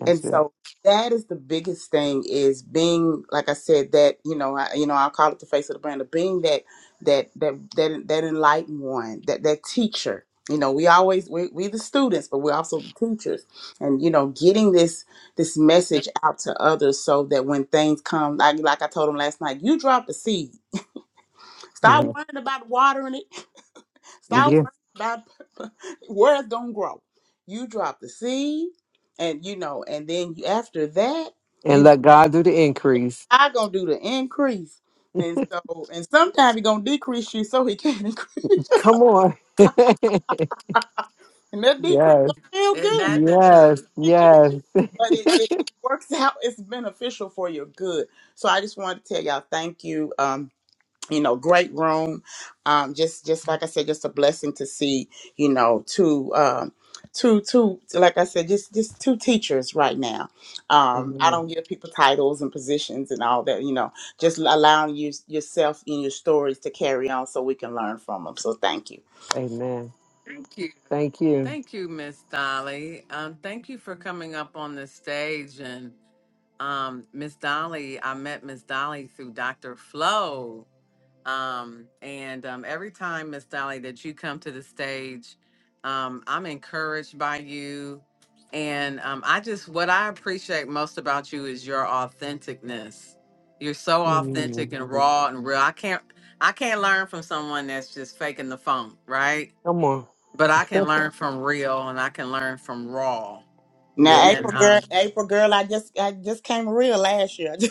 That's and it. so that is the biggest thing is being, like I said, that you know, I, you know, I call it the face of the brand of being that that that that that enlightened one, that that teacher. You know, we always we we the students, but we're also the teachers, and you know, getting this this message out to others so that when things come, like like I told them last night, you drop the seed. Stop hmm worrying about watering it. Stop Yeah. worrying about where it's gonna grow. You drop the seed, and you know, and then after that. And let God do the increase. God gonna do the increase. And so, and sometimes he gonna decrease you so he can increase you. Come on. And that decrease yes. gonna feel Isn't good. that the Yes. truth? Get you. Yes. But it, it, it works out, it's beneficial for your good. So I just wanted to tell y'all thank you. Um you know great room um just just like i said just a blessing to see you know two um two two like i said just just two teachers right now um i Amen. don't give people titles and positions and all that you know just allowing you yourself and your stories to carry on so we can learn from them so thank you Amen. Thank you. Thank you. Thank you, Miss Dolly. Um, thank you for coming up on the stage and um Miss Dolly, I met Miss Dolly through Dr. Flo. Um, and um, every time, Miss Dolly, that you come to the stage, um, I'm encouraged by you. And um, I just, what I appreciate most about you is your authenticness. You're so authentic and Mhm. raw and real. I can't, I can't learn from someone that's just faking the funk, right? Come on. But I can learn from real, and I can learn from raw. now Yes. And april girl um, april girl i just i just came real last year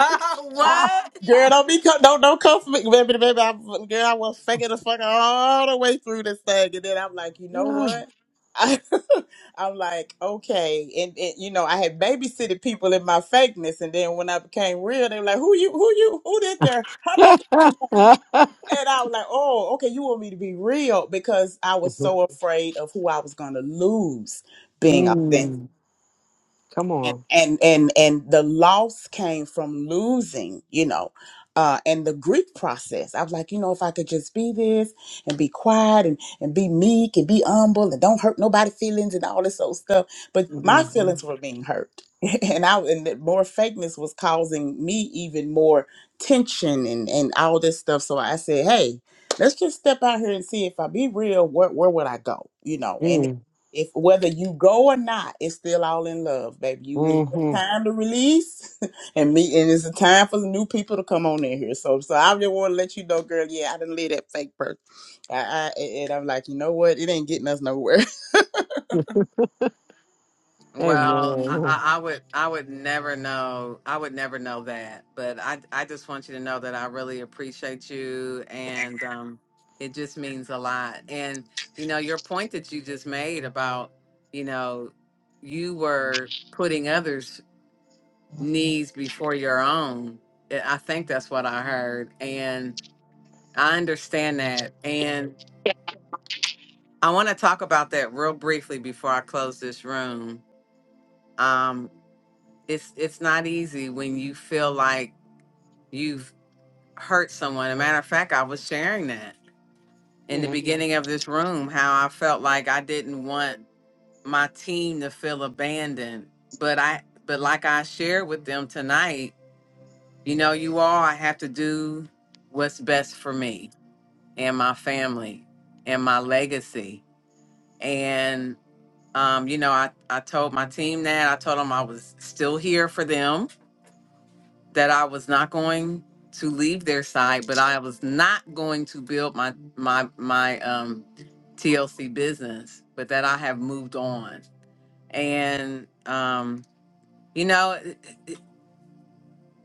what? Girl, don't be co- don't don't come for me, baby, baby. I, girl, I was faking the fuck all the way through this thing, and then I'm like, you know what? I, am like, okay, and, and you know, I had babysitted people in my fakeness, and then when I became real, they were like, who you, who you, who did there? Hop on, in there." and I was like, oh, okay, you want me to be real because I was so afraid of who I was gonna lose being authentic Mm. Come and on. and and and the loss came from losing you know uh and the grief process i was like you know if i could just be this and be quiet and and be meek and be humble and don't hurt nobody's feelings and all this old stuff but my Mm-hmm. feelings were being hurt and i and that more fakeness was causing me even more tension and and all this stuff so i said hey let's just step out here and see if i be real where, where would i go you know Mm-hmm. if whether you go or not, it's still all in love, baby. You it's your Mm-hmm. time to release, and me, and it's a time for the new people to come on in here. So, so I just want to let you know, girl. Yeah, I didn't live that fake person, I, I, and I'm like, you know what? It ain't getting us nowhere. Well, I, Amen. I, I would I would never know I would never know that, but I I just want you to know that I really appreciate you, and um, it just means a lot. And you know your point that you just made about you know you were putting others' needs before your own. I I think that's what I heard, and I understand that. And I want to talk about that real briefly before I close this room. Um, it's it's not easy when you feel like you've hurt someone. a matter of fact, I was sharing that in the Mm-hmm. beginning of this room how I felt like I didn't want my team to feel abandoned, but I but like I shared with them tonight, you know, you all I have to do what's best for me and my family and my legacy. And um, you know, I, I told my team that I told them I was still here for them that I was not going to leave their side, but I was not going to build my my my um, TLC business, but that I have moved on. And um, you know,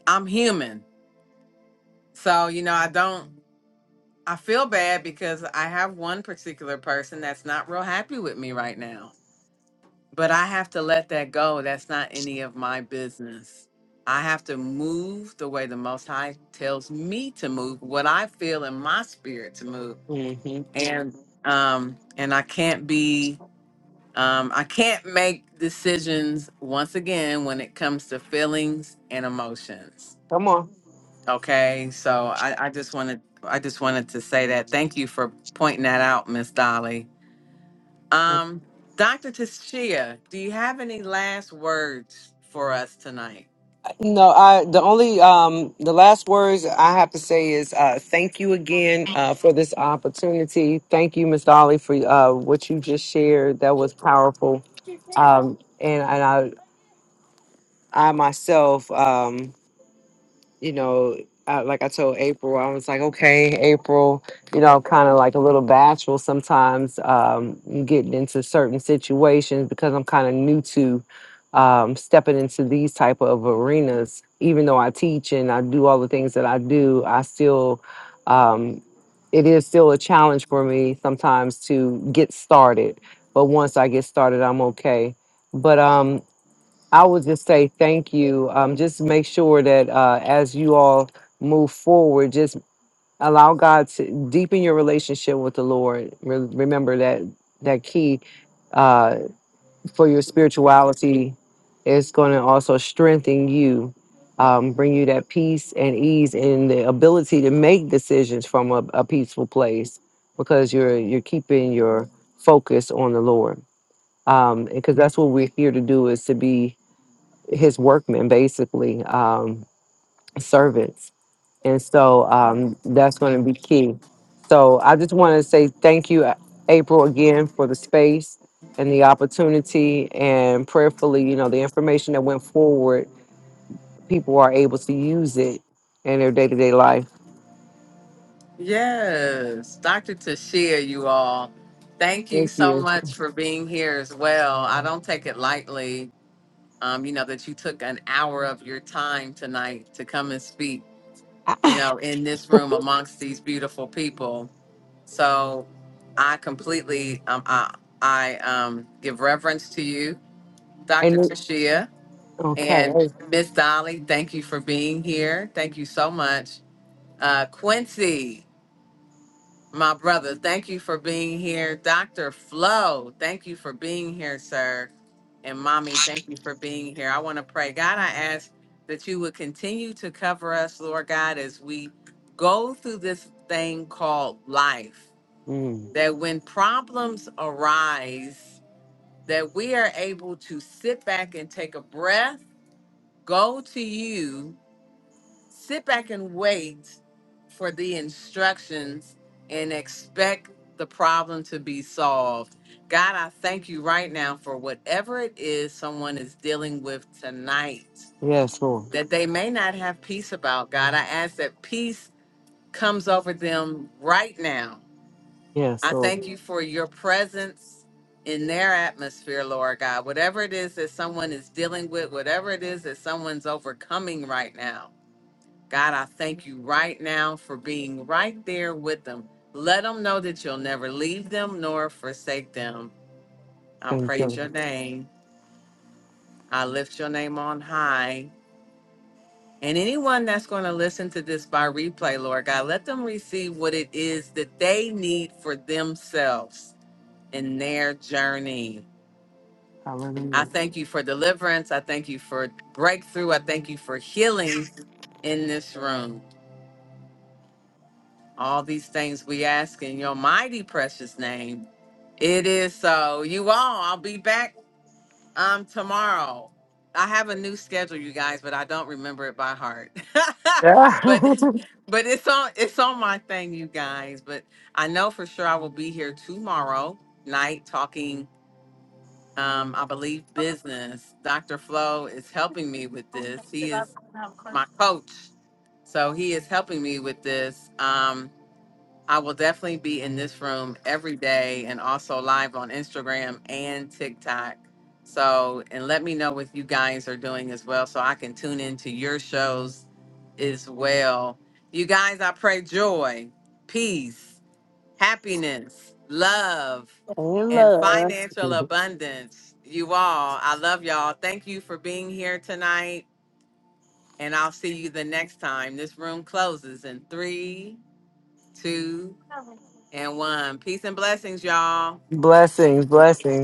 I'm human, so you know I don't. I feel bad because I have one particular person that's not real happy with me right now But I have to let that go. That's not any of my business. I have to move the way the Most High tells me to move, what I feel in my spirit to move, Mm-hmm. and um, and I can't be, um, I can't make decisions once again when it comes to feelings and emotions. Come on. Okay, so I, I just wanted, I just wanted to say that. Thank you for pointing that out, Miss Dolly um, Dr. Tashia, do you have any last words for us tonight? No, I the only um the last words I have to say is uh thank you again uh for this opportunity. Thank you, Ms. Dolly, for uh what you just shared. That was powerful. Um and, and I I myself um, you know, I, like I told April, I was like, okay, April, you know, kind of like a little bashful sometimes um, getting into certain situations because I'm kind of new to um, stepping into these type of arenas. Even though I teach and I do all the things that I do, I still, um, it is still a challenge for me sometimes to get started. But once I get started, I'm okay. But um, I would just say thank you. Um, just make sure that uh, as you all move forward, just allow God to deepen your relationship with the Lord. Re- remember that that key uh, for your spirituality is going to also strengthen you, um, bring you that peace and ease, and the ability to make decisions from a, a peaceful place because you're you're keeping your focus on the Lord. Um, because that's what we're here to do is to be his workmen, basically, um, servants. And so um, that's going to be key. So I just want to say thank you, A- April, again for the space and the opportunity. And prayerfully, you know, the information that went forward, people are able to use it in their day to day life. Yes, Dr. Tashia, you all. Thank you Thank so you. much for being here as well. I don't take it lightly, um, you know, that you took an hour of your time tonight to come and speak, you know, in this room amongst these beautiful people. So I completely, um, I, I um, give reverence to you, Dr. And it- Tashia. okay. And I- Miss Dolly, thank you for being here. Thank you so much. Uh, Quincy, my brother, thank you for being here. Dr. Flo, thank you for being here, sir. And mommy, thank you for being here. I want to pray. God, I ask that you would continue to cover us, Lord God, as we go through this thing called life. Mm, That when problems arise, that we are able to sit back and take a breath, go to you sit back and wait for the instructions and expect the problem to be solved. God, I thank you right now for whatever it is someone is dealing with tonight yes, Lord. that they may not have peace about. God, I ask that peace comes over them right now. Yes, I Lord. thank you for your presence in their atmosphere, Lord God. Whatever it is that someone is dealing with, whatever it is that someone's overcoming right now. God, I thank you right now for being right there with them. Let them know that you'll never leave them nor forsake them. I Thank praise your you. name. I lift your name on high. And anyone that's going to listen to this by replay, Lord God, let them receive what it is that they need for themselves in their journey. I Hallelujah. thank you for deliverance. I thank you for breakthrough. I thank you for healing in this room. All these things we ask in your mighty precious name. It is so. You all, I'll be back um tomorrow. I have a new schedule, you guys, but I don't remember it by heart. Yeah. but but it's on it's on my thing, you guys. But I know for sure I will be here tomorrow night talking um, I believe business. Dr. Flo is helping me with this. He is my coach. So he is helping me with this. Um I will definitely be in this room every day and also live on Instagram and TikTok. So, and let me know what you guys are doing as well so I can tune into your shows as well. You guys, I pray joy, peace, happiness, love, Hey, and love. financial abundance. You all, I love y'all. Thank you for being here tonight. And I'll see you the next time. This room closes in three, two, and one. Peace and blessings, y'all. blessings, blessings.